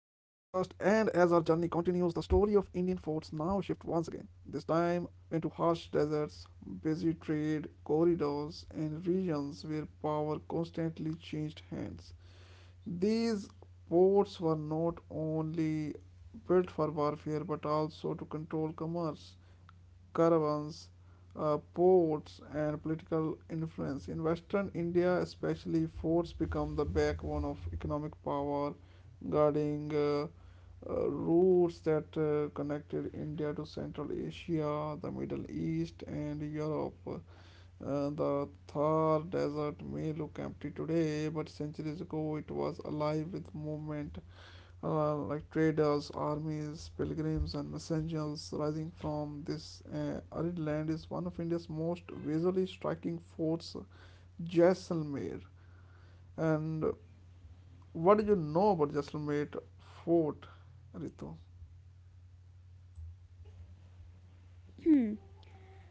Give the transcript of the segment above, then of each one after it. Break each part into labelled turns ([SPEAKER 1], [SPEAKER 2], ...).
[SPEAKER 1] of Indian forts now shifts once again, this time into harsh deserts, busy trade corridors, and regions where power constantly changed hands. These ports were not only built for warfare but also to control commerce, caravans, ports, and political influence. In Western India, especially, forts become the backbone of economic power, guarding routes that connected India to Central Asia, the Middle East, and Europe. The Thar Desert may look empty today, but centuries ago it was alive with movement like traders, armies, pilgrims, and messengers rising from this arid land is one of India's most visually striking forts, Jaisalmer. And what do you know about Jaisalmer fort, Ritu?
[SPEAKER 2] Hindi. Hmm.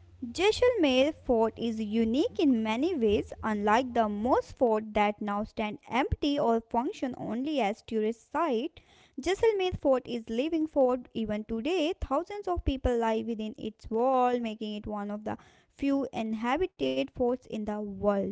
[SPEAKER 2] Jaisalmer fort is unique in many ways, unlike the most forts that now stand empty or function only as tourist site. Jaisalmer fort is living fort even today. Thousands of people live within its wall, making it one of the few inhabited forts in the world.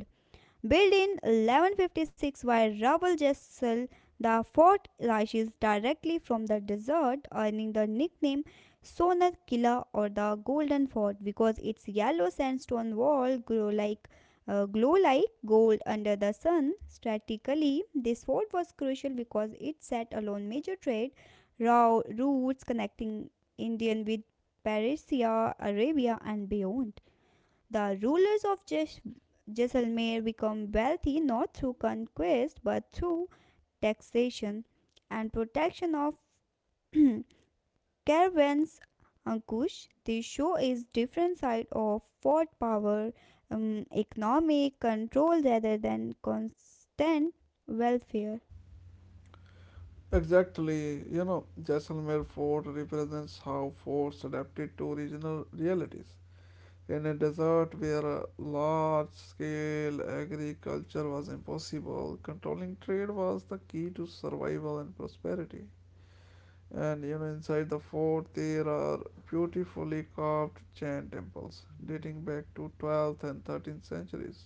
[SPEAKER 2] Built in 1156 by Raoul Raval, the fort rises directly from the desert, earning the nickname Sonar Killa or the Golden Fort because its yellow sandstone wall grow like glow like gold under the sun. Strategically, this fort was crucial because it set alone major trade routes connecting India with Persia, Arabia, and beyond. The rulers of Jais- Jaisalmer become wealthy not through conquest but through taxation and protection of caravans. Ankush, this show is different side of fort power, economic control rather than constant welfare.
[SPEAKER 1] Exactly, you know, Jaisalmer fort represents how forts adapted to regional realities. In a desert where large scale agriculture was impossible, controlling trade was the key to survival and prosperity. And you know, inside the fort, there are beautifully carved Jain temples dating back to 12th and 13th centuries.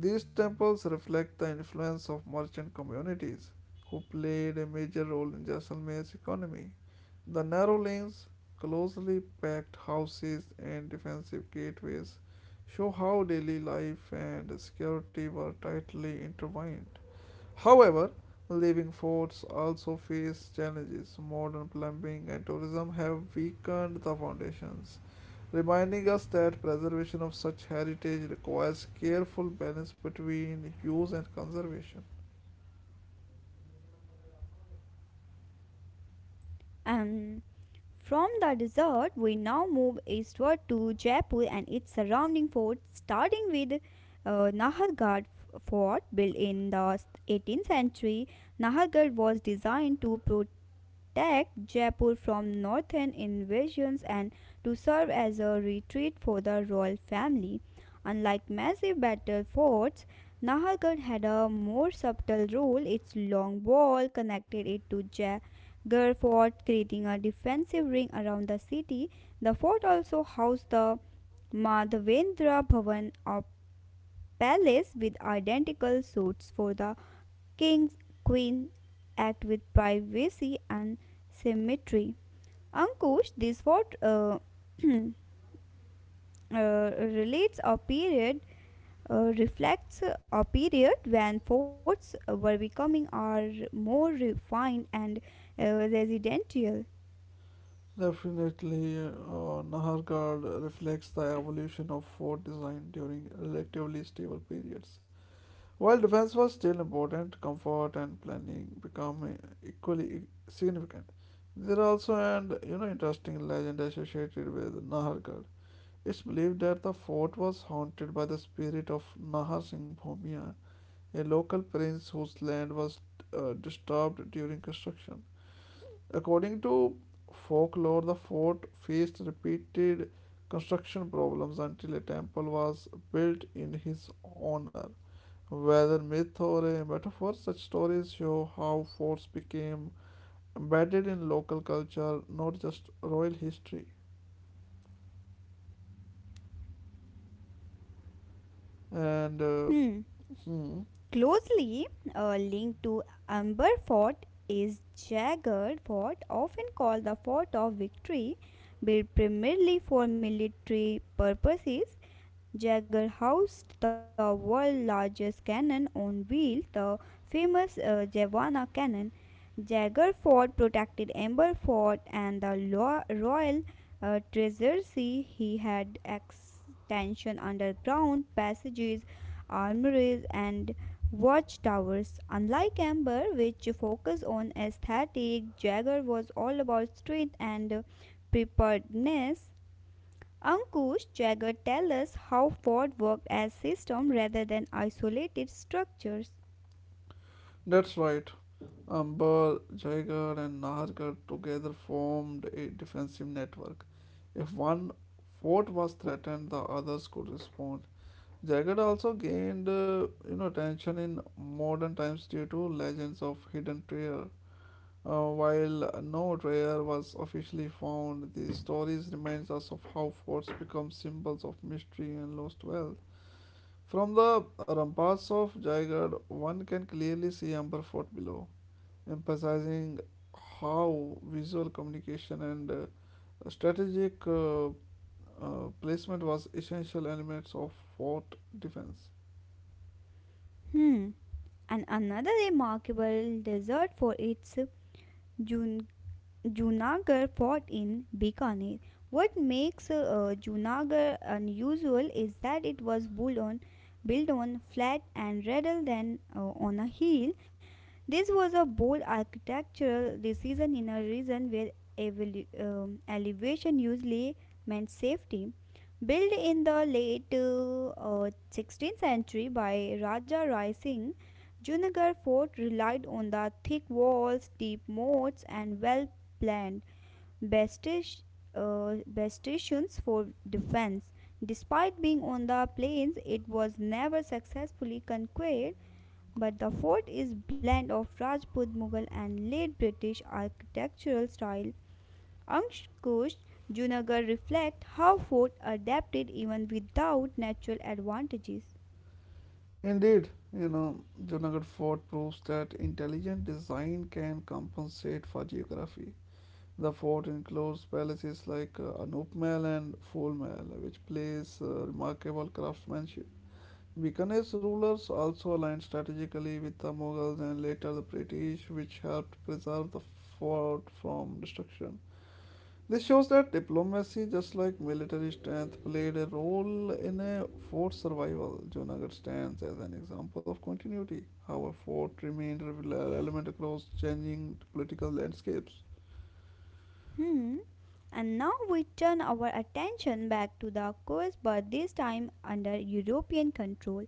[SPEAKER 1] These temples reflect the influence of merchant communities who played a major role in Jaisalmer's economy. The narrow lanes, closely packed houses, and defensive gateways show how daily life and security were tightly intertwined. However, living forts also face challenges. Modern plumbing and tourism have weakened the foundations, reminding us that preservation of such heritage requires careful balance between use and conservation.
[SPEAKER 2] Um, From the desert, we now move eastward to Jaipur and its surrounding forts, starting with Nahargarh Fort, built in the 18th century. Nahargarh was designed to protect attacked Jaipur from northern invasions and to serve as a retreat for the royal family. Unlike massive battle forts, Nahargarh had a more subtle role. Its long wall connected it to Jagar Fort, creating a defensive ring around the city. The fort also housed the Madhavendra Bhavan, a palace with identical suites for the Kings, queens act with privacy and symmetry. Ankush, this what uh, relates a period reflects a period when forts were becoming are more refined and uh, residential.
[SPEAKER 1] Definitely, Nahargad reflects the evolution of fort design during relatively stable periods. While defense was still important, comfort and planning become equally significant. There are also an you know interesting legend associated with Nahargarh. It's believed that the fort was haunted by the spirit of Nahar Singh Bhumia, a local prince whose land was disturbed during construction. According to folklore, the fort faced repeated construction problems until a temple was built in his honor. Whether myth or a metaphor, such stories show how forts became embedded in local culture, not just royal history. And uh,
[SPEAKER 2] Hmm.
[SPEAKER 1] hmm,
[SPEAKER 2] Closely linked to Amber Fort is Jagged Fort, often called the Fort of Victory, built primarily for military purposes. Jagged housed the world's largest cannon on wheels, the famous Jawana cannon. Jagged Fort protected Amber Fort and the lo- royal treasury. He had extension underground passages, armories and Watchtowers. Unlike Amber, which focused on aesthetic, Jagger was all about strength and preparedness. Ankush, Jagger tells us how Ford worked as system rather than isolated structures.
[SPEAKER 1] that's right. Amber, Jaigar, and Nahargarh together formed a defensive network. If one fort was threatened, the others could respond. Jaigar also gained, you know, attention in modern times due to legends of hidden treasure. While no treasure was officially found, these stories remind us of how forts become symbols of mystery and lost wealth. From the ramparts of Jaigarh, one can clearly see Amber Fort below, emphasizing how visual communication and strategic placement was essential elements of fort defense.
[SPEAKER 2] Hmm. And another remarkable dessert for its June Junagadh fought in Bikaner. What makes Junagadh unusual is that it was built on, built on flat and rather than on a hill. This was a bold architectural decision in a region where elevation usually meant safety. Built in the late 16th century by Raja Rai Singh, Junagarh fort relied on the thick walls, deep moats, and well planned bastis- bastions for defense. Despite being on the plains, it was never successfully conquered, but the fort is blend of Rajput Mughal and late British architectural style. Ankush, Junagarh reflect how fort adapted even without natural advantages.
[SPEAKER 1] Indeed, you know, Junagadh fort proves that intelligent design can compensate for geography. The fort includes palaces like Anup Mahal and Phul Mahal, which plays remarkable craftsmanship. Bikaner's rulers also aligned strategically with the Mughals and later the British, which helped preserve the fort from destruction. This shows that diplomacy, just like military strength, played a role in a fort's survival. Junagadh stands as an example of continuity, how a fort remained relevant across changing political landscapes.
[SPEAKER 2] Hmm. And now we turn our attention back to the coast, but this time under European control.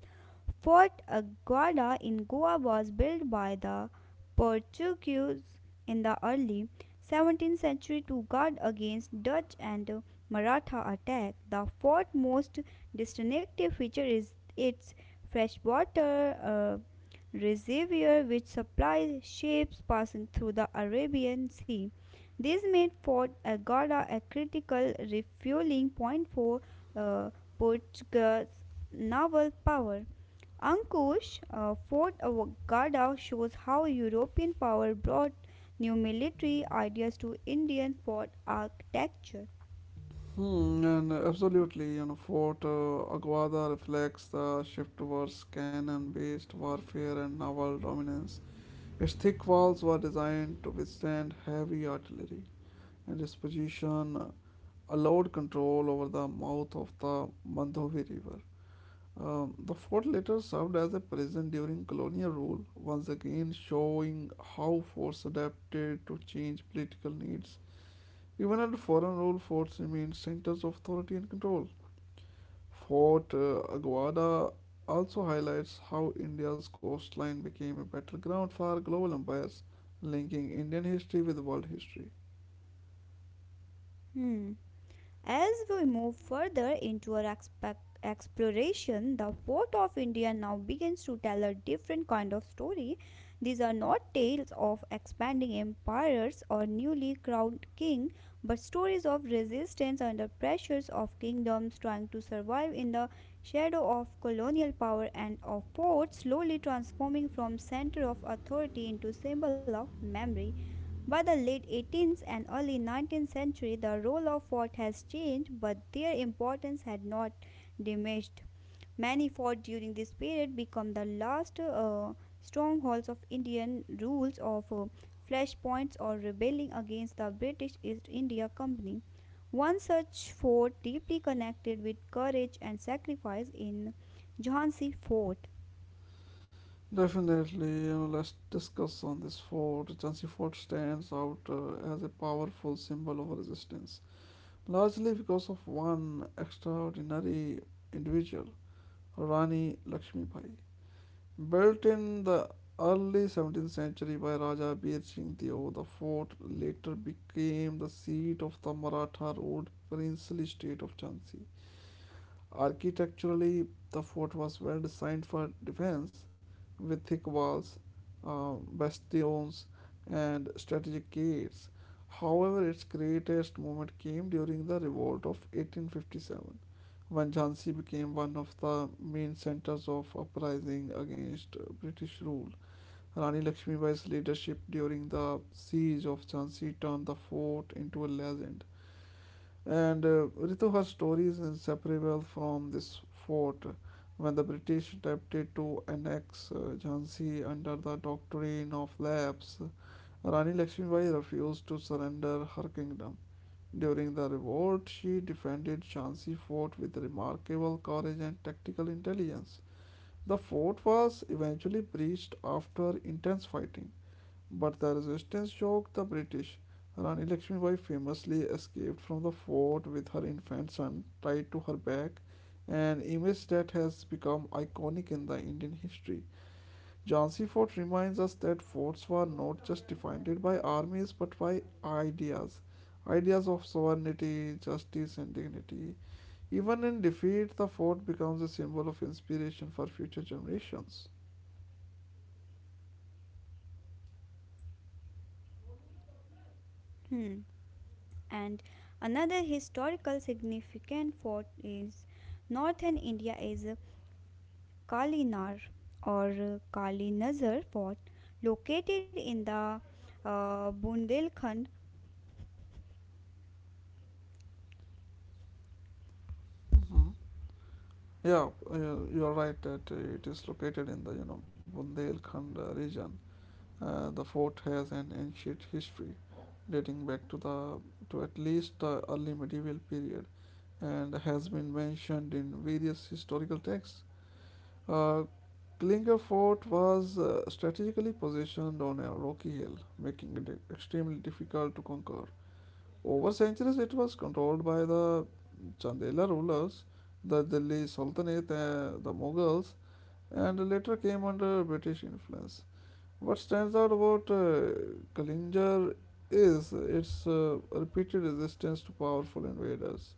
[SPEAKER 2] Fort Aguada in Goa was built by the Portuguese in the early 17th century to guard against Dutch and Maratha attack. The fort's most distinctive feature is its freshwater reservoir, which supplies ships passing through the Arabian Sea. This made Fort Aguada a critical refueling point for uh, Portugal's naval power. Ankush, Fort Avogada shows how European power brought new military ideas to Indian fort architecture.
[SPEAKER 1] Hmm, and absolutely, you know, Fort Aguada reflects the shift towards cannon based warfare and naval dominance. Its thick walls were designed to withstand heavy artillery, and its position allowed control over the mouth of the Mandovi River. The fort later served as a prison during colonial rule, once again showing how forts adapted to change political needs. Even under foreign rule, forts remained centers of authority and control. Fort Aguada also highlights how India's coastline became a battleground for global empires, linking Indian history with world history.
[SPEAKER 2] Hmm. As we move further into our expe- exploration, the fort of India now begins to tell a different kind of story. These are not tales of expanding empires or newly crowned king, but stories of resistance under pressures of kingdoms trying to survive in the shadow of colonial power and of forts slowly transforming from center of authority into symbol of memory. By the late 18th and early 19th century, the role of fort has changed, but their importance had not diminished. Many forts during this period become the last strongholds of Indian rules of flashpoints or rebelling against the British East India Company. One such fort deeply connected with courage and sacrifice in Jhansi Fort.
[SPEAKER 1] Definitely, you know, let's discuss on this fort. Jhansi Fort stands out as a powerful symbol of resistance, largely because of one extraordinary individual, Rani Lakshmi Bai. Built in the early 17th century by Raja Bir Singh Deo, the fort later became the seat of the Maratha ruled princely state of Jhansi. Architecturally, the fort was well designed for defense, with thick walls, bastions, and strategic gates. However, its greatest moment came during the revolt of 1857, when Jhansi became one of the main centers of uprising against British rule. Rani Lakshmibai's leadership during the siege of Jhansi turned the fort into a legend, and Rituha's story is inseparable from this fort when the British attempted to annex Jhansi under the doctrine of lapse. Rani Lakshmibai refused to surrender her kingdom. During the revolt, she defended Jhansi fort with remarkable courage and tactical intelligence. The fort was eventually breached after intense fighting, but the resistance shocked the British. Rani Lakshmibai famously escaped from the fort with her infant son tied to her back, an image that has become iconic in the Indian history. Jhansi Fort reminds us that forts were not just defended by armies but by ideas. Ideas of sovereignty, justice, and dignity. Even in defeat, the fort becomes a symbol of inspiration for future generations.
[SPEAKER 2] Hmm. And another historical significant fort is northern India is Kalinar or Kalinazar fort located in the Bundelkhand.
[SPEAKER 1] Mm-hmm. Yeah, you are right that it is located in the you know Bundelkhand region. The fort has an ancient history dating back to the to at least the early medieval period and has been mentioned in various historical texts. Uh, Klinger Fort was strategically positioned on a rocky hill, making it extremely difficult to conquer. Over centuries, it was controlled by the Chandela rulers, the Delhi Sultanate, the Mughals, and later came under British influence. What stands out about Kalinjar is its repeated resistance to powerful invaders.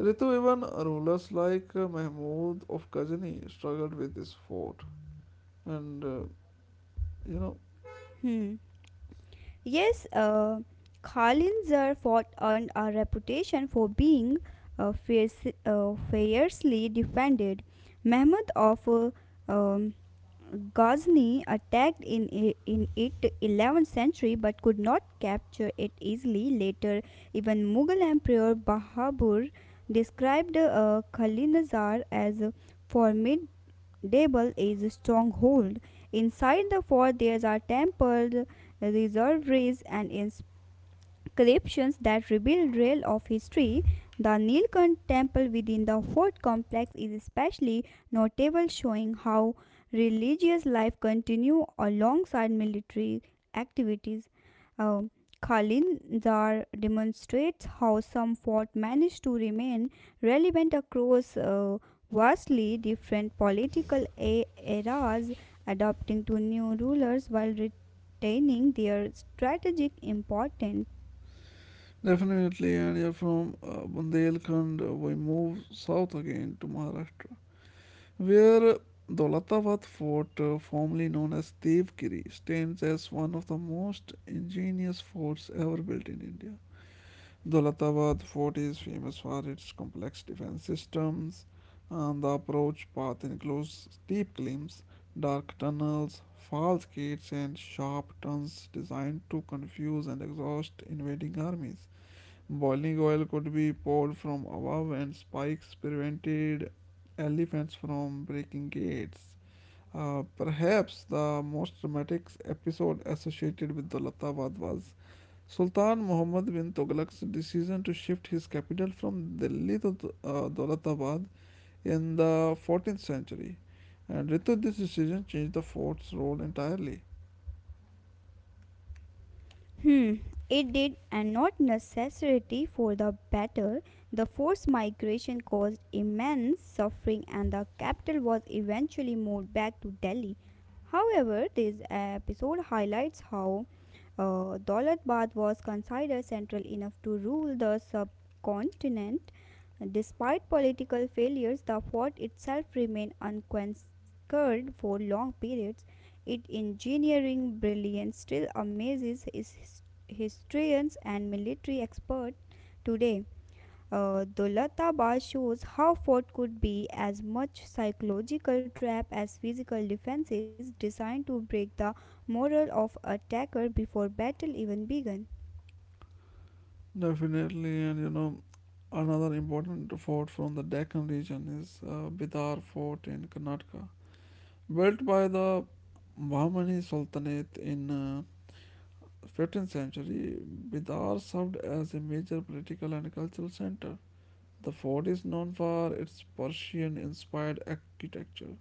[SPEAKER 1] Ritu, even rulers like Mahmud of Ghazni struggled with this fort. And uh, you know,
[SPEAKER 2] Hmm. Yes, Kalinazar fort earned a reputation for being uh, fierce, fiercely defended. Mehmed of um, Ghazni attacked in it 11th century but could not capture it easily. Later, even Mughal Emperor Bahabur described Khalinazar as a formidable stronghold. Inside the fort, there are temples, reservoirs, and ins. Inscriptions that reveal trail of history. The Nilkanth temple within the fort complex is especially notable, showing how religious life continued alongside military activities. Uh, Khalinzar demonstrates how some fort managed to remain relevant across vastly different political eras, adapting to new rulers while retaining their strategic importance.
[SPEAKER 1] Definitely, and you from Bundelkhand, we move south again to Maharashtra, where Dolatabad Fort, formerly known as Devgiri, stands as one of the most ingenious forts ever built in India. Dolatabad Fort is famous for its complex defense systems, and the approach path includes steep climbs, dark tunnels, false gates, and sharp turns designed to confuse and exhaust invading armies. Boiling oil could be poured from above, and spikes prevented elephants from breaking gates. Perhaps the most dramatic episode associated with Daulatabad was Sultan Muhammad bin Tughlaq's decision to shift his capital from Delhi to Daulatabad in the 14th century. And with this decision changed the fort's role entirely.
[SPEAKER 2] Hmm, it did, and not necessarily for the better. The forced migration caused immense suffering, and the capital was eventually moved back to Delhi. However, this episode highlights how Daulatbad was considered central enough to rule the subcontinent. Despite political failures, the fort itself remained unconquered for long periods. Its engineering brilliance still amazes his historians and military experts today. Dolatabad shows how fort could be as much psychological trap as physical defenses designed to break the morale of attacker before battle even began.
[SPEAKER 1] Definitely, and you know, another important fort from the Deccan region is Bidar Fort in Karnataka. Built by the Bahmani Sultanate in 15th century, Bidar served as a major political and cultural center. The fort is known for its Persian-inspired architecture,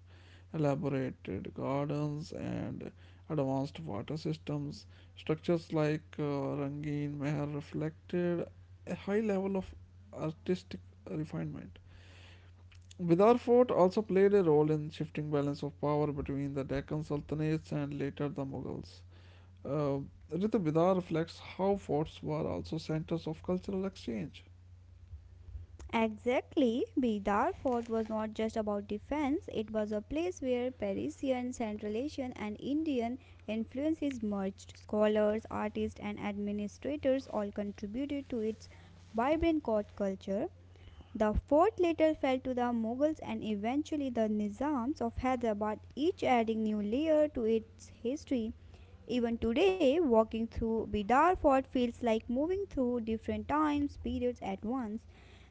[SPEAKER 1] elaborated gardens, and advanced water systems. Structures like Rangin Mahal reflected a high level of artistic refinement. Bidar Fort also played a role in shifting balance of power between the Deccan Sultanates and later the Mughals. Uh, Rita Bidar reflects how forts were also centers of cultural exchange.
[SPEAKER 2] Exactly, Bidar Fort was not just about defense, it was a place where Parisian, Central Asian, and Indian influences merged. Scholars, artists, and administrators all contributed to its vibrant court culture. The fort later fell to the Mughals and eventually the Nizams of Hyderabad, each adding new layer to its history. Even today, walking through Bidar Fort feels like moving through different times periods at once.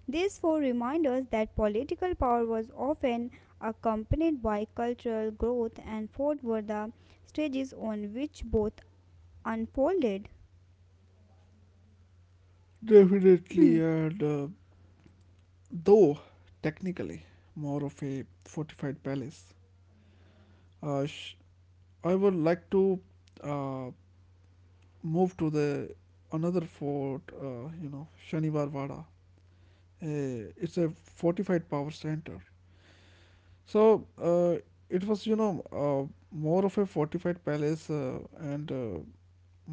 [SPEAKER 2] These four remind us that political power was often accompanied by cultural growth, and fort were the stages on which both unfolded.
[SPEAKER 1] Definitely, and though technically more of a fortified palace, uh, sh- I would like to uh, move to the another fort. You know, Shaniwar Wada. It's a fortified power center. So uh, it was, you know, more of a fortified palace, and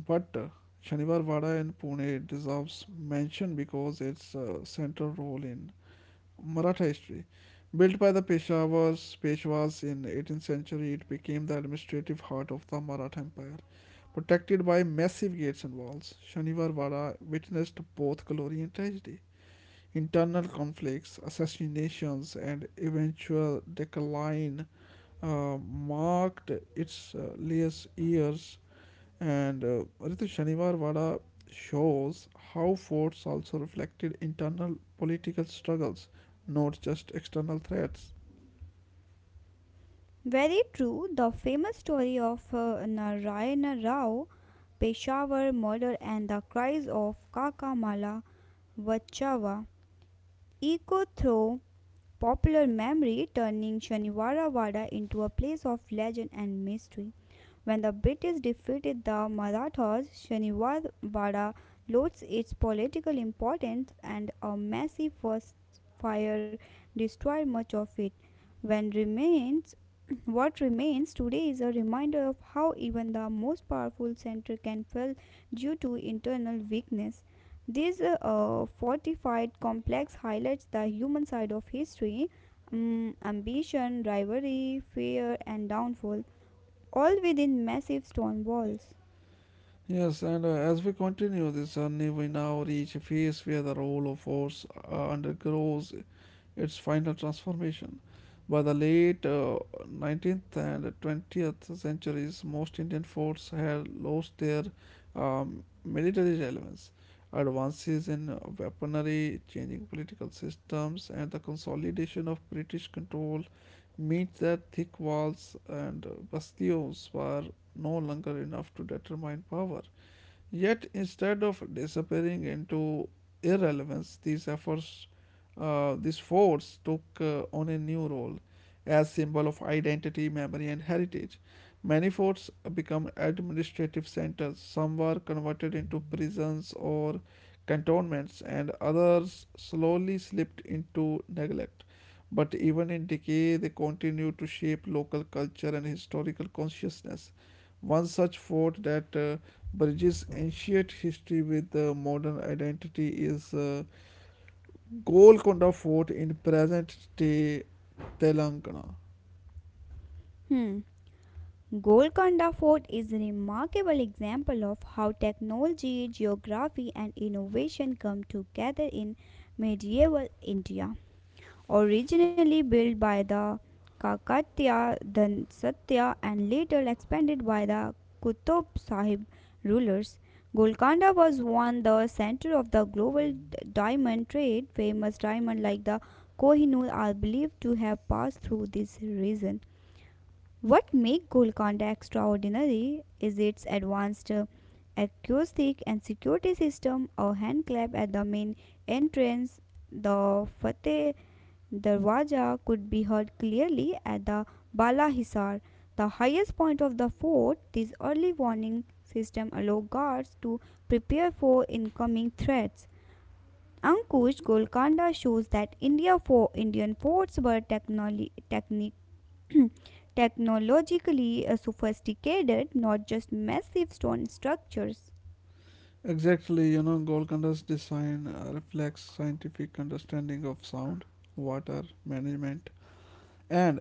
[SPEAKER 1] but Shaniwar Wada in Pune deserves mention because its central role in Maratha history. Built by the Peshwas in 18th century, it became the administrative heart of the Maratha Empire. Protected by massive gates and walls, Shaniwar Wada witnessed both glory and tragedy, internal conflicts, assassinations, and eventual decline marked its last years, and Ritu Shanivar shows how forts also reflected internal political struggles, not just external threats.
[SPEAKER 2] Very true, the famous story of Narayana Rao, Peshawar murder, and the cries of Kaka Kakamala Vachawa echo through popular memory, turning Shaniwara Wada into a place of legend and mystery. When the British defeated the Marathas, Shaniwarwada lost its political importance and a massive forest fire destroyed much of it. When remains, what remains today is a reminder of how even the most powerful center can fail due to internal weakness. This fortified complex highlights the human side of history: ambition, rivalry, fear, and downfall, all within massive stone walls.
[SPEAKER 1] Yes, and as we continue this journey, we now reach a phase where the role of force undergoes its final transformation. By the late 19th and 20th centuries, most Indian forts had lost their military relevance. Advances in weaponry, changing political systems, and the consolidation of British control meant that thick walls and bastions were no longer enough to determine power. Yet, instead of disappearing into irrelevance, these efforts, these forts took on a new role as symbol of identity, memory, and heritage. Many forts become administrative centers. Some were converted into prisons or cantonments, and others slowly slipped into neglect. But even in decay, they continue to shape local culture and historical consciousness. One such fort that British ancient history with the modern identity is Golconda Fort in present day Telangana.
[SPEAKER 2] Hmm. Golconda Fort is a remarkable example of how technology, geography, and innovation come together in medieval India. Originally built by the Kakatiya Dhansatya and later expanded by the Qutub Sahib rulers, Golconda was once the center of the global diamond trade. Famous diamonds like the Kohinoor are believed to have passed through this region. What makes Golconda extraordinary is its advanced acoustic and security system. A handclap at the main entrance, the Fateh Darwaja, could be heard clearly at the Bala Hisar, the highest point of the fort. This early warning system allowed guards to prepare for incoming threats. Ankush, Golconda shows that Indian forts were technologically sophisticated, not just massive stone structures.
[SPEAKER 1] Exactly, you know, Golconda's design reflects scientific understanding of sound, water management, and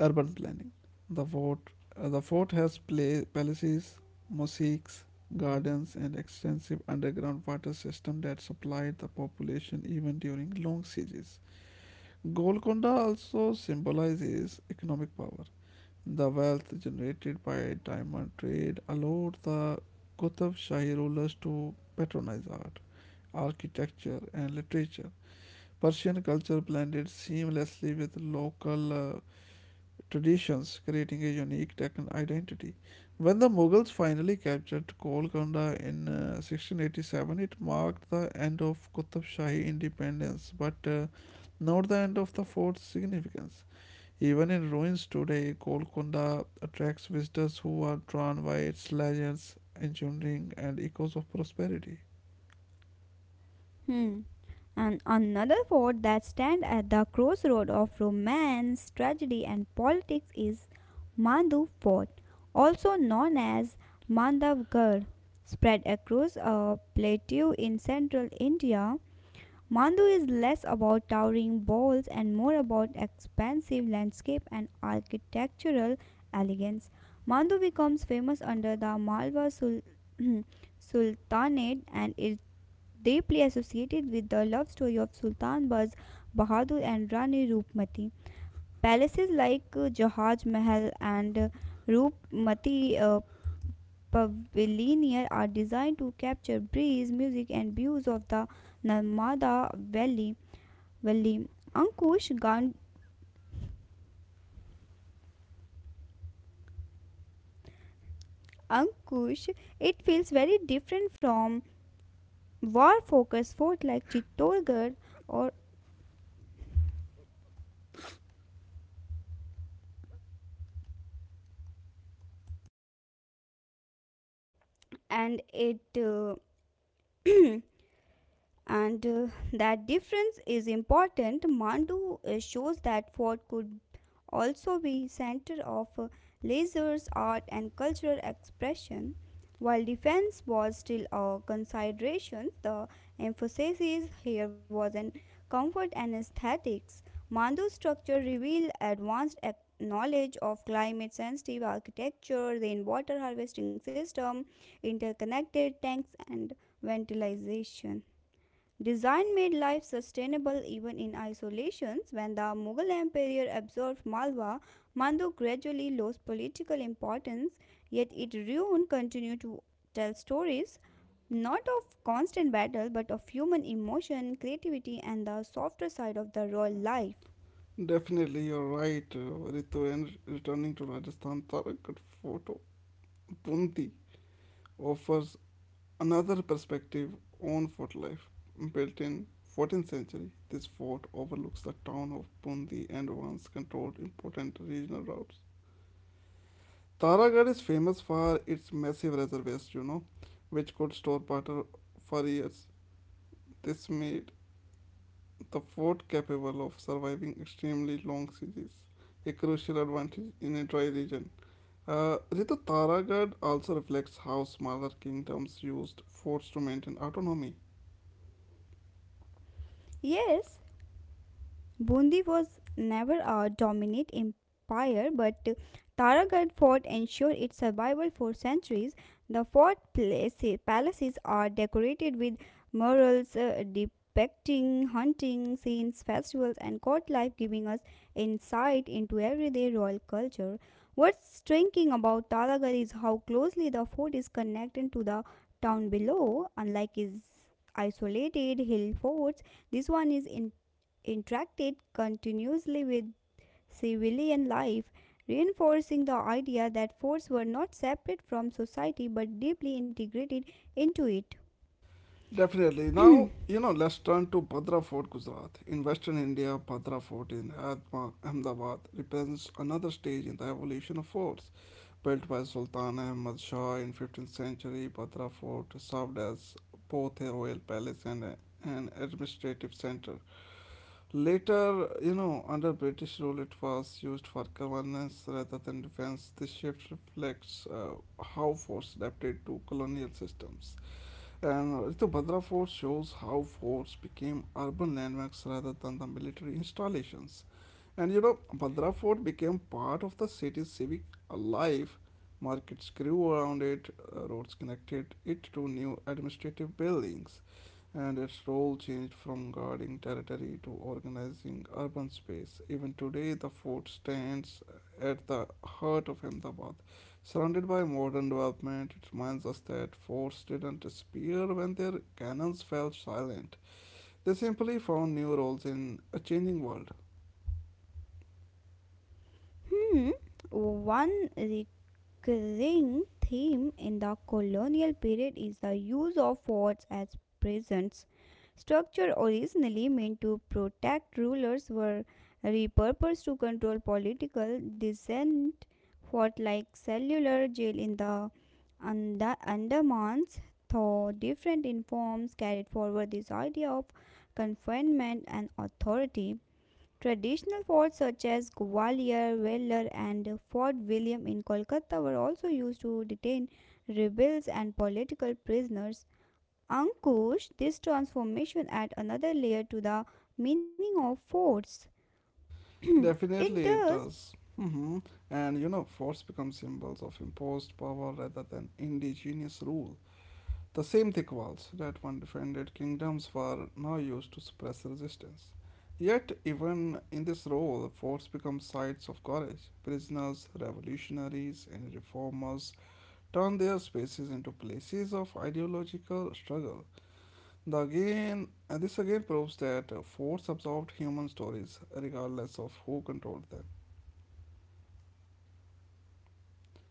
[SPEAKER 1] urban planning. The fort, the fort has pla palaces, mosques, gardens, and extensive underground water system that supplied the population even during long sieges. Golconda also symbolizes economic power. The wealth generated by diamond trade allowed the Qutb Shahi rulers to patronize art, architecture, and literature. Persian culture blended seamlessly with local traditions, creating a unique Deccan identity. When the Mughals finally captured Golconda in 1687, it marked the end of Qutb Shahi independence, but not the end of the fort's significance. Even in ruins today, Golconda attracts visitors who are drawn by its legends, engineering, and echoes of prosperity.
[SPEAKER 2] Hmm. And another fort that stands at the crossroad of romance, tragedy, and politics is Mandu Fort, also known as Mandavgarh, spread across a plateau in central India. Mandu is less about towering walls and more about expansive landscape and architectural elegance. Mandu becomes famous under the Malwa Sul- Sultanate and is deeply associated with the love story of Sultan Baz Bahadur and Rani Rupmati. Palaces like Jahaj Mahal and Rupmati Pavilion are designed to capture breeze, music, and views of the Narmada Valley. Well, Ankush, Gan- Ankush, it feels very different from war-focused fort like Chittorgarh, or and it and that difference is important. Mandu shows that fort could also be center of art and cultural expression. While defense was still a consideration, the emphasis here was on comfort and aesthetics. Mandu's structure revealed knowledge of climate sensitive architecture, rainwater harvesting system, interconnected tanks and ventilation. Design made life sustainable even in isolations. When the Mughal Empire absorbed Malwa, Mandu gradually lost political importance, yet its ruin continue to tell stories not of constant battle but of human emotion, creativity, and the softer side of the royal life.
[SPEAKER 1] Definitely, you're right, Ritu. And returning to Rajasthan, Tarak at Photo Bundi offers another perspective on fort life. Built in 14th century, this fort overlooks the town of Bundi and once controlled important regional routes. Taragarh is famous for its massive reservoirs, you know, which could store water for years. This made the fort capable of surviving extremely long sieges, a crucial advantage in a dry region. Ritu Taragarh also reflects how smaller kingdoms used forts to maintain autonomy.
[SPEAKER 2] Yes, Bundi was never a dominant empire, but Taraghad fort ensured its survival for centuries. The fort palaces are decorated with murals depicting hunting scenes, festivals, and court life, giving us insight into everyday royal culture. What's striking about Talagal is how closely the fort is connected to the town below, unlike its isolated hill forts. This one is in interacted continuously with civilian life, reinforcing the idea that forts were not separate from society but deeply integrated into it.
[SPEAKER 1] Definitely. Now, you know, let's turn to Bhadra Fort, Gujarat. In Western India, Bhadra Fort in Ahmedabad represents another stage in the evolution of forts. Built by Sultan Ahmad Shah in 15th century, Bhadra Fort served as both a royal palace and an administrative center. Later, you know, under British rule, it was used for governance rather than defense. This shift reflects how forts adapted to colonial systems. And the Bhadra Fort shows how forts became urban landmarks rather than the military installations. And you know, Bhadra Fort became part of the city's civic life. Markets grew around it, roads connected it to new administrative buildings, and its role changed from guarding territory to organizing urban space. Even today, the fort stands at the heart of Ahmedabad. Surrounded by modern development, it reminds us that forts didn't disappear when their cannons fell silent. They simply found new roles in a changing world.
[SPEAKER 2] Hmm, one recurring theme in the colonial period is the use of forts as prisons. Structure originally meant to protect rulers were repurposed to control political dissent, fought like cellular jail in the Andamans, though different in forms, carried forward this idea of confinement and authority. Traditional forts such as Gwalior, Vellore, and Fort William in Kolkata were also used to detain rebels and political prisoners. Ankush, this transformation adds another layer to the meaning of forts. It
[SPEAKER 1] Definitely, it
[SPEAKER 2] does.
[SPEAKER 1] does. Mhm. And you know, forts become symbols of imposed power rather than indigenous rule. The same thick walls that once defended kingdoms were now used to suppress resistance. Yet, even in this role, forts become sites of courage. Prisoners, revolutionaries, and reformers turn their spaces into places of ideological struggle. The again, and this again proves that forts absorbed human stories, regardless of who controlled them.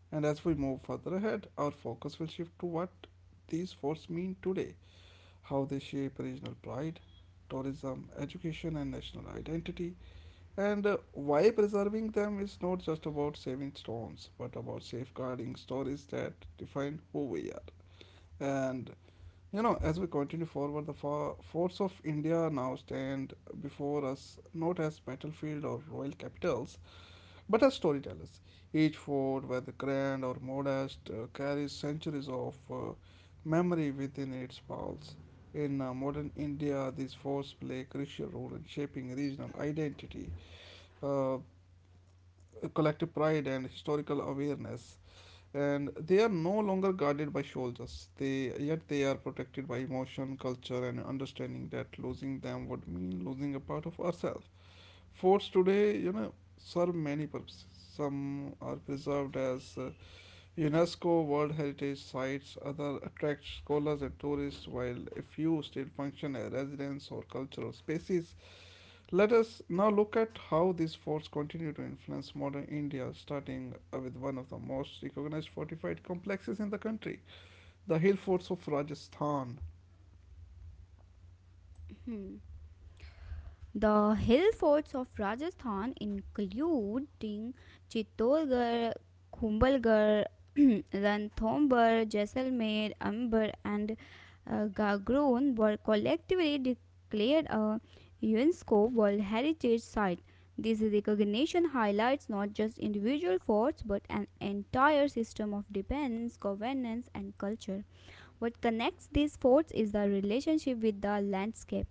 [SPEAKER 1] And as we move further ahead, our focus will shift to what these forts mean today, how they shape regional pride, tourism, education, and national identity, and why preserving them is not just about saving stones, but about safeguarding stories that define who we are. And you know, as we continue forward, the forts of India now stand before us not as battlefield or royal capitals but as storytellers. Each fort, whether grand or modest, carries centuries of memory within its walls. In modern India, these forts play a crucial role in shaping regional identity, uh, collective pride, and historical awareness. And they are no longer guarded by soldiers. They yet they are protected by emotion, culture, and understanding that losing them would mean losing a part of ourselves. Forts today, you know, serve many purposes. Some are preserved as UNESCO World Heritage Sites, other attract scholars and tourists, while a few still function as residence or cultural spaces. Let us now look at how these forts continue to influence modern India, starting with one of the most recognized fortified complexes in the country, the hill forts of Rajasthan.
[SPEAKER 2] Hmm. The hill forts of Rajasthan, including Chittorgarh, Kumbhalgarh, Ranthambore, Jaisalmer, Amber, and Gagroon, were collectively declared a UNESCO World Heritage Site. This recognition highlights not just individual forts but an entire system of defense, governance, and culture. What connects these forts is the relationship with the landscape.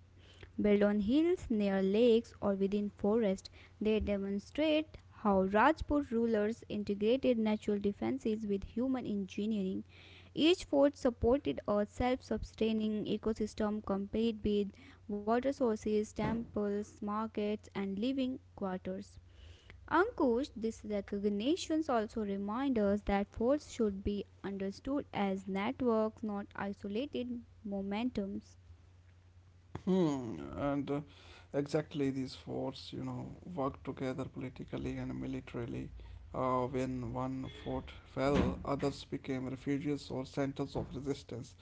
[SPEAKER 2] Built on hills, near lakes, or within forest, they demonstrate how Rajput rulers integrated natural defenses with human engineering. Each fort supported a self sustaining ecosystem complete with water sources, temples, markets, and living quarters. Ankush, these recognitions also remind us that forts should be understood as networks, not isolated momentums.
[SPEAKER 1] Hmm, and exactly these forces, you know, work together politically and militarily. When one fort fell, others became refuges or centers of resistance.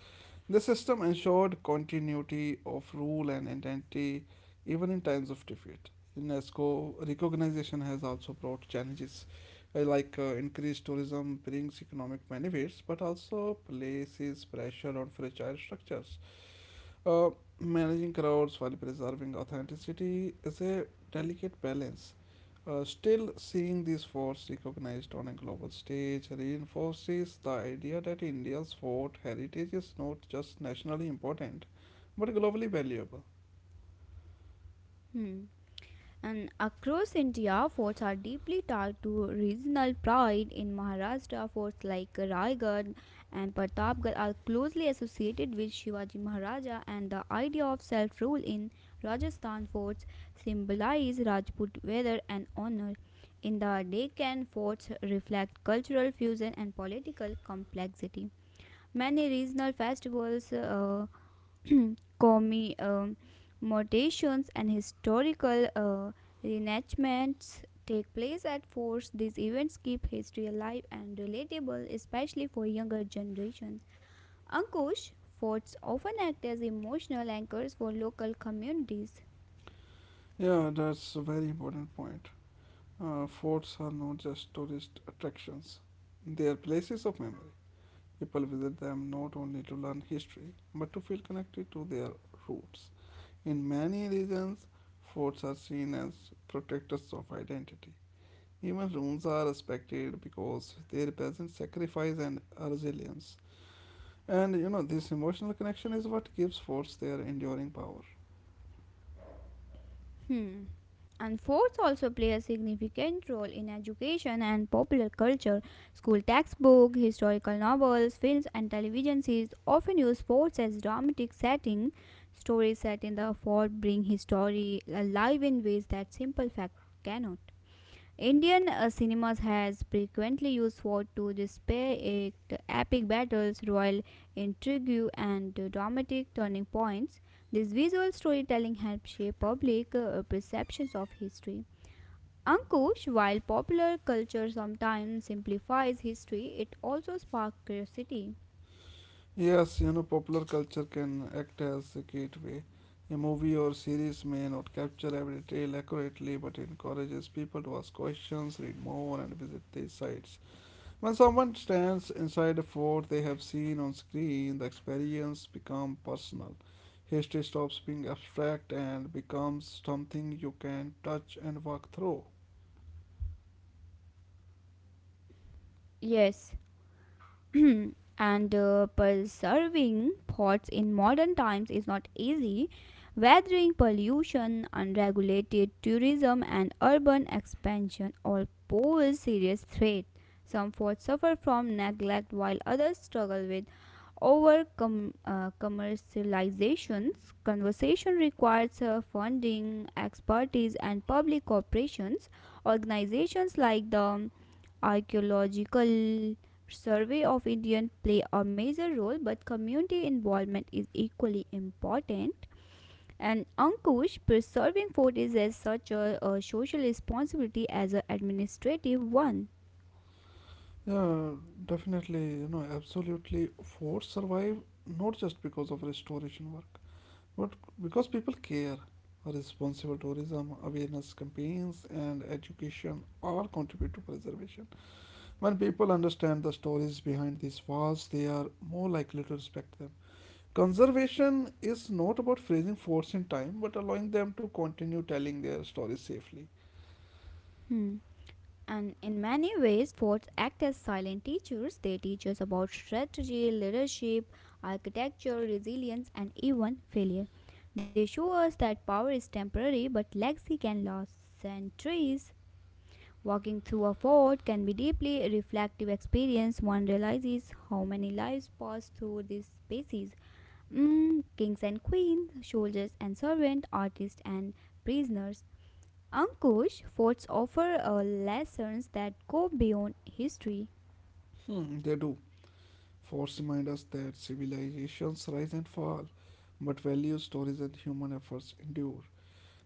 [SPEAKER 1] The system ensured continuity of rule and identity even in times of defeat. UNESCO recognition has also brought challenges, like increased tourism brings economic benefits, but also places pressure on fragile structures. uh, Managing crowds while preserving authenticity is a delicate balance. Still, seeing these forts recognized on a global stage reinforces the idea that India's fort heritage is not just nationally important but globally valuable.
[SPEAKER 2] Hmm. And across India, forts are deeply tied to regional pride. In Maharashtra, forts like Raigad and Pratapgarh are closely associated with Shivaji Maharaja, and the idea of self rule in Rajasthan forts symbolize Rajput valor and honor. In the Deccan, forts reflect cultural fusion and political complexity. Many regional festivals commie mutations and historical reenactments take place at forts. These events keep history alive and relatable, especially for younger generations. Ankush, forts often act as emotional anchors for local communities.
[SPEAKER 1] Yeah, that's a very important point. Forts are not just tourist attractions, they are places of memory. People visit them not only to learn history but to feel connected to their roots. In many regions, forts are seen as protectors of identity. Even ruins are respected because they represent sacrifice and resilience. And you know, this emotional connection is what gives forts their enduring power.
[SPEAKER 2] Hmm. And forts also play a significant role in education and popular culture. School textbooks, historical novels, films, and television series often use forts as dramatic setting. Stories set in the fort bring history alive in ways that simple fact cannot. Indian cinemas has frequently used war to display epic battles, royal intrigue, and dramatic turning points. This visual storytelling helps shape public perceptions of history. Ankush, while popular culture sometimes simplifies history, it also sparks curiosity.
[SPEAKER 1] Yes, you know, popular culture can act as a gateway. A movie or series may not capture every detail accurately, but it encourages people to ask questions, read more, and visit these sites. When someone stands inside a fort they have seen on screen, the experience becomes personal. History stops being abstract and becomes something you can touch and walk through.
[SPEAKER 2] Yes. And preserving pots in modern times is not easy. Weathering pollution, unregulated tourism, and urban expansion all pose serious threats. Some forts suffer from neglect while others struggle with commercializations. Conversation requires funding, expertise, and public corporations. Organizations like the Archaeological survey of Indian play a major role, but community involvement is equally important. And Ankush, preserving food is as such a social responsibility as an administrative one.
[SPEAKER 1] Yeah, definitely, you know, absolutely. Forts survive not just because of restoration work, but because people care. Responsible tourism, awareness campaigns, and education all contribute to preservation. When people understand the stories behind these walls, they are more likely to respect them. Conservation is not about freezing forts in time, but allowing them to continue telling their stories safely.
[SPEAKER 2] Hmm. And in many ways, forts act as silent teachers. They teach us about strategy, leadership, architecture, resilience, and even failure. They show us that power is temporary, but legacy can last centuries. Walking through a fort can be deeply reflective experience. One realizes how many lives pass through these spaces. Mm, kings and queens, soldiers and servants, artists and prisoners. Ankush, forts offer lessons that go beyond history.
[SPEAKER 1] Hmm, they do. Forts remind us that civilizations rise and fall, but values, stories, and human efforts endure.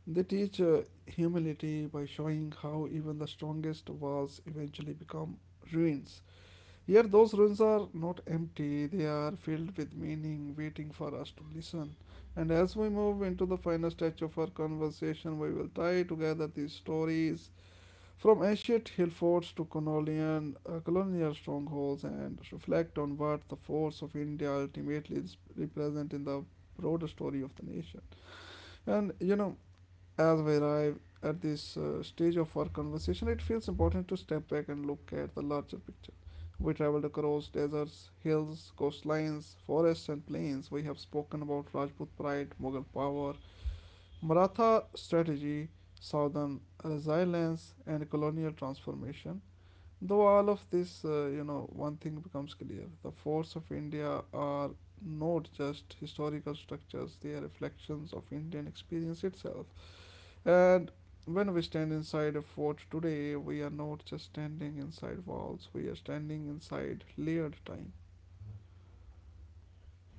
[SPEAKER 1] They teach humility by showing how even the strongest walls eventually become ruins. Here, those ruins are not empty, they are filled with meaning, waiting for us to listen. And as we move into the final stage of our conversation, we will tie together these stories from ancient hill forts to colonial, colonial strongholds and reflect on what the forts of India ultimately represent in the broader story of the nation. And you know, as we arrive at this stage of our conversation, it feels important to step back and look at the larger. We traveled across deserts, hills, coastlines, forests, and plains. We have spoken about Rajput pride, Mughal power, Maratha strategy, southern resilience, and colonial transformation. Though all of this, you know, one thing becomes clear: the forts of India are not just historical structures, they are reflections of Indian experience itself. And when we stand inside a fort today, we are not just standing inside walls, we are standing inside layered time.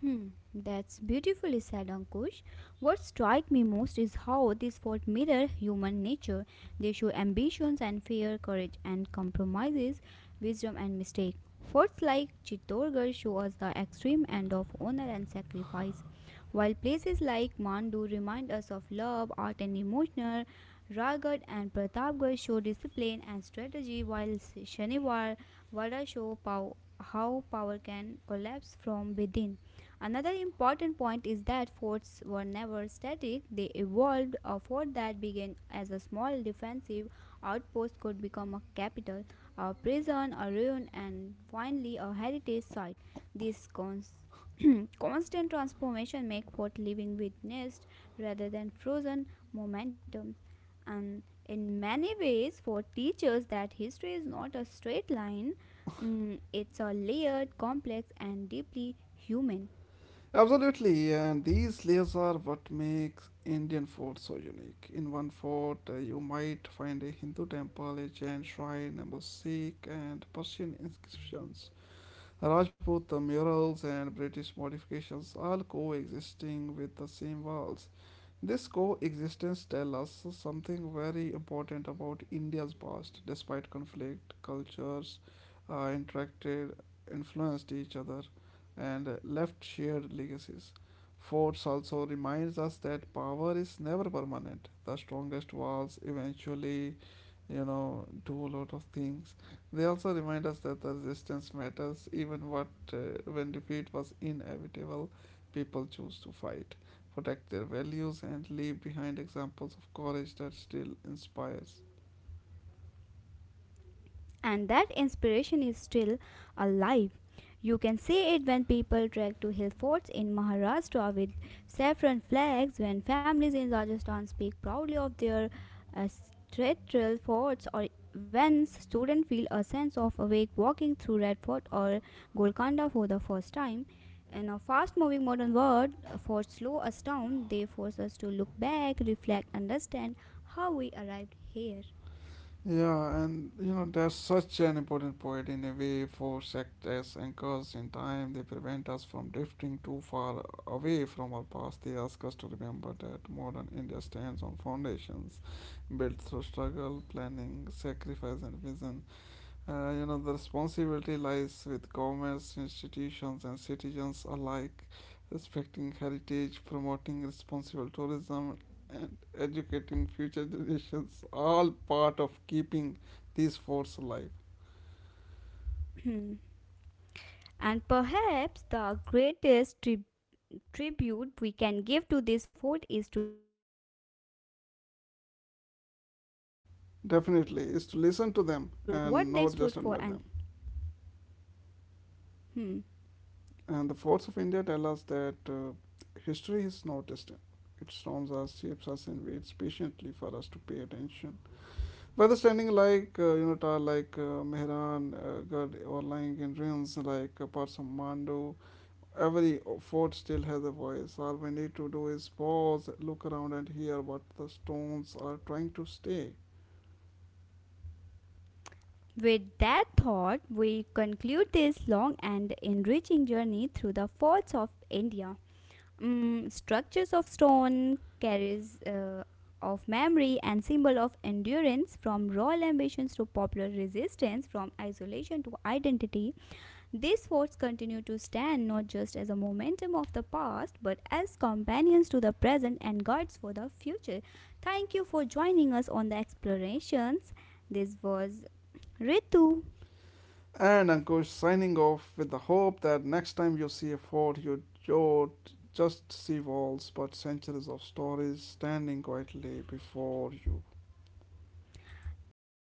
[SPEAKER 2] Hmm, that's beautifully said, Ankush. What strikes me most is how these faults mirror human nature. They show ambitions and fear, courage and compromises, wisdom and mistake. Forts like Chittorgarh show us the extreme end of honor and sacrifice, while places like Mandu remind us of love, art, and emotional. Raigarh and Pratapgarh show discipline and strategy, while Shaniwar, Wada show how power can collapse from within. Another important point is that forts were never static, they evolved. A fort that began as a small defensive outpost could become a capital, a prison, a ruin, and finally a heritage site. This cons- constant transformation make fort living witnessed rather than frozen momentum. And in many ways, fort teaches that history is not a straight line. Mm, it's a layered, complex, and deeply human.
[SPEAKER 1] Absolutely, and these layers are what makes Indian forts so unique. In one fort, you might find a Hindu temple, a Jain shrine, a mosaic, and Persian inscriptions, Rajput murals, and British modifications all coexisting with the same walls. This coexistence tells us something very important about India's past. Despite conflict, cultures interacted, influenced each other, and left shared legacies. Forts also reminds us that power is never permanent. The strongest walls eventually, you know, do a lot of things. They also remind us that the resistance matters, even what when defeat was inevitable, people choose to fight protect their values, and leave behind examples of courage that still inspires.
[SPEAKER 2] And that inspiration is still alive. You can see it when people trek to hill forts in Maharashtra with saffron flags, when families in Rajasthan speak proudly of their ancestral forts, or when students feel a sense of awake walking through Red Fort or Golconda for the first time. In a fast moving modern world, forts slow us down, they force us to look back, reflect, understand how we arrived here.
[SPEAKER 1] Yeah, and you know, that's such an important point in a way for as anchors in time. They prevent us from drifting too far away from our past. They ask us to remember that modern India stands on foundations built through struggle, planning, sacrifice, and vision. You know, the responsibility lies with governments, institutions, and citizens alike, respecting heritage, promoting responsible tourism, and educating future generations, all part of keeping these forts alive.
[SPEAKER 2] And perhaps the greatest tribute we can give to this food is to listen to them, not just admire them, to understand that what
[SPEAKER 1] Definitely,
[SPEAKER 2] they
[SPEAKER 1] is to
[SPEAKER 2] stood
[SPEAKER 1] listen
[SPEAKER 2] for
[SPEAKER 1] to
[SPEAKER 2] and
[SPEAKER 1] them and not just admire them.
[SPEAKER 2] hmm.
[SPEAKER 1] And the forts of India tell us that history is not distant. It storms us, shapes us, and waits patiently for us to pay attention. Weather standing like like Mehran, Gad or lying in ruins like parts of Mandu. Every fort still has a voice. All we need to do is pause, look around, and hear what the stones are trying to say.
[SPEAKER 2] With that thought, we conclude this long and enriching journey through the forts of India. Mm, structures of stone, carries of memory, and symbol of endurance from royal ambitions to popular resistance, from isolation to identity, these forts continue to stand not just as a momentum of the past, but as companions to the present and guides for the future. Thank you for joining us on the explorations. This was Ritu.
[SPEAKER 1] And Ankush signing off with the hope that next time you see a fort, you don't just see walls but centuries of stories standing quietly before you.
[SPEAKER 2] Thank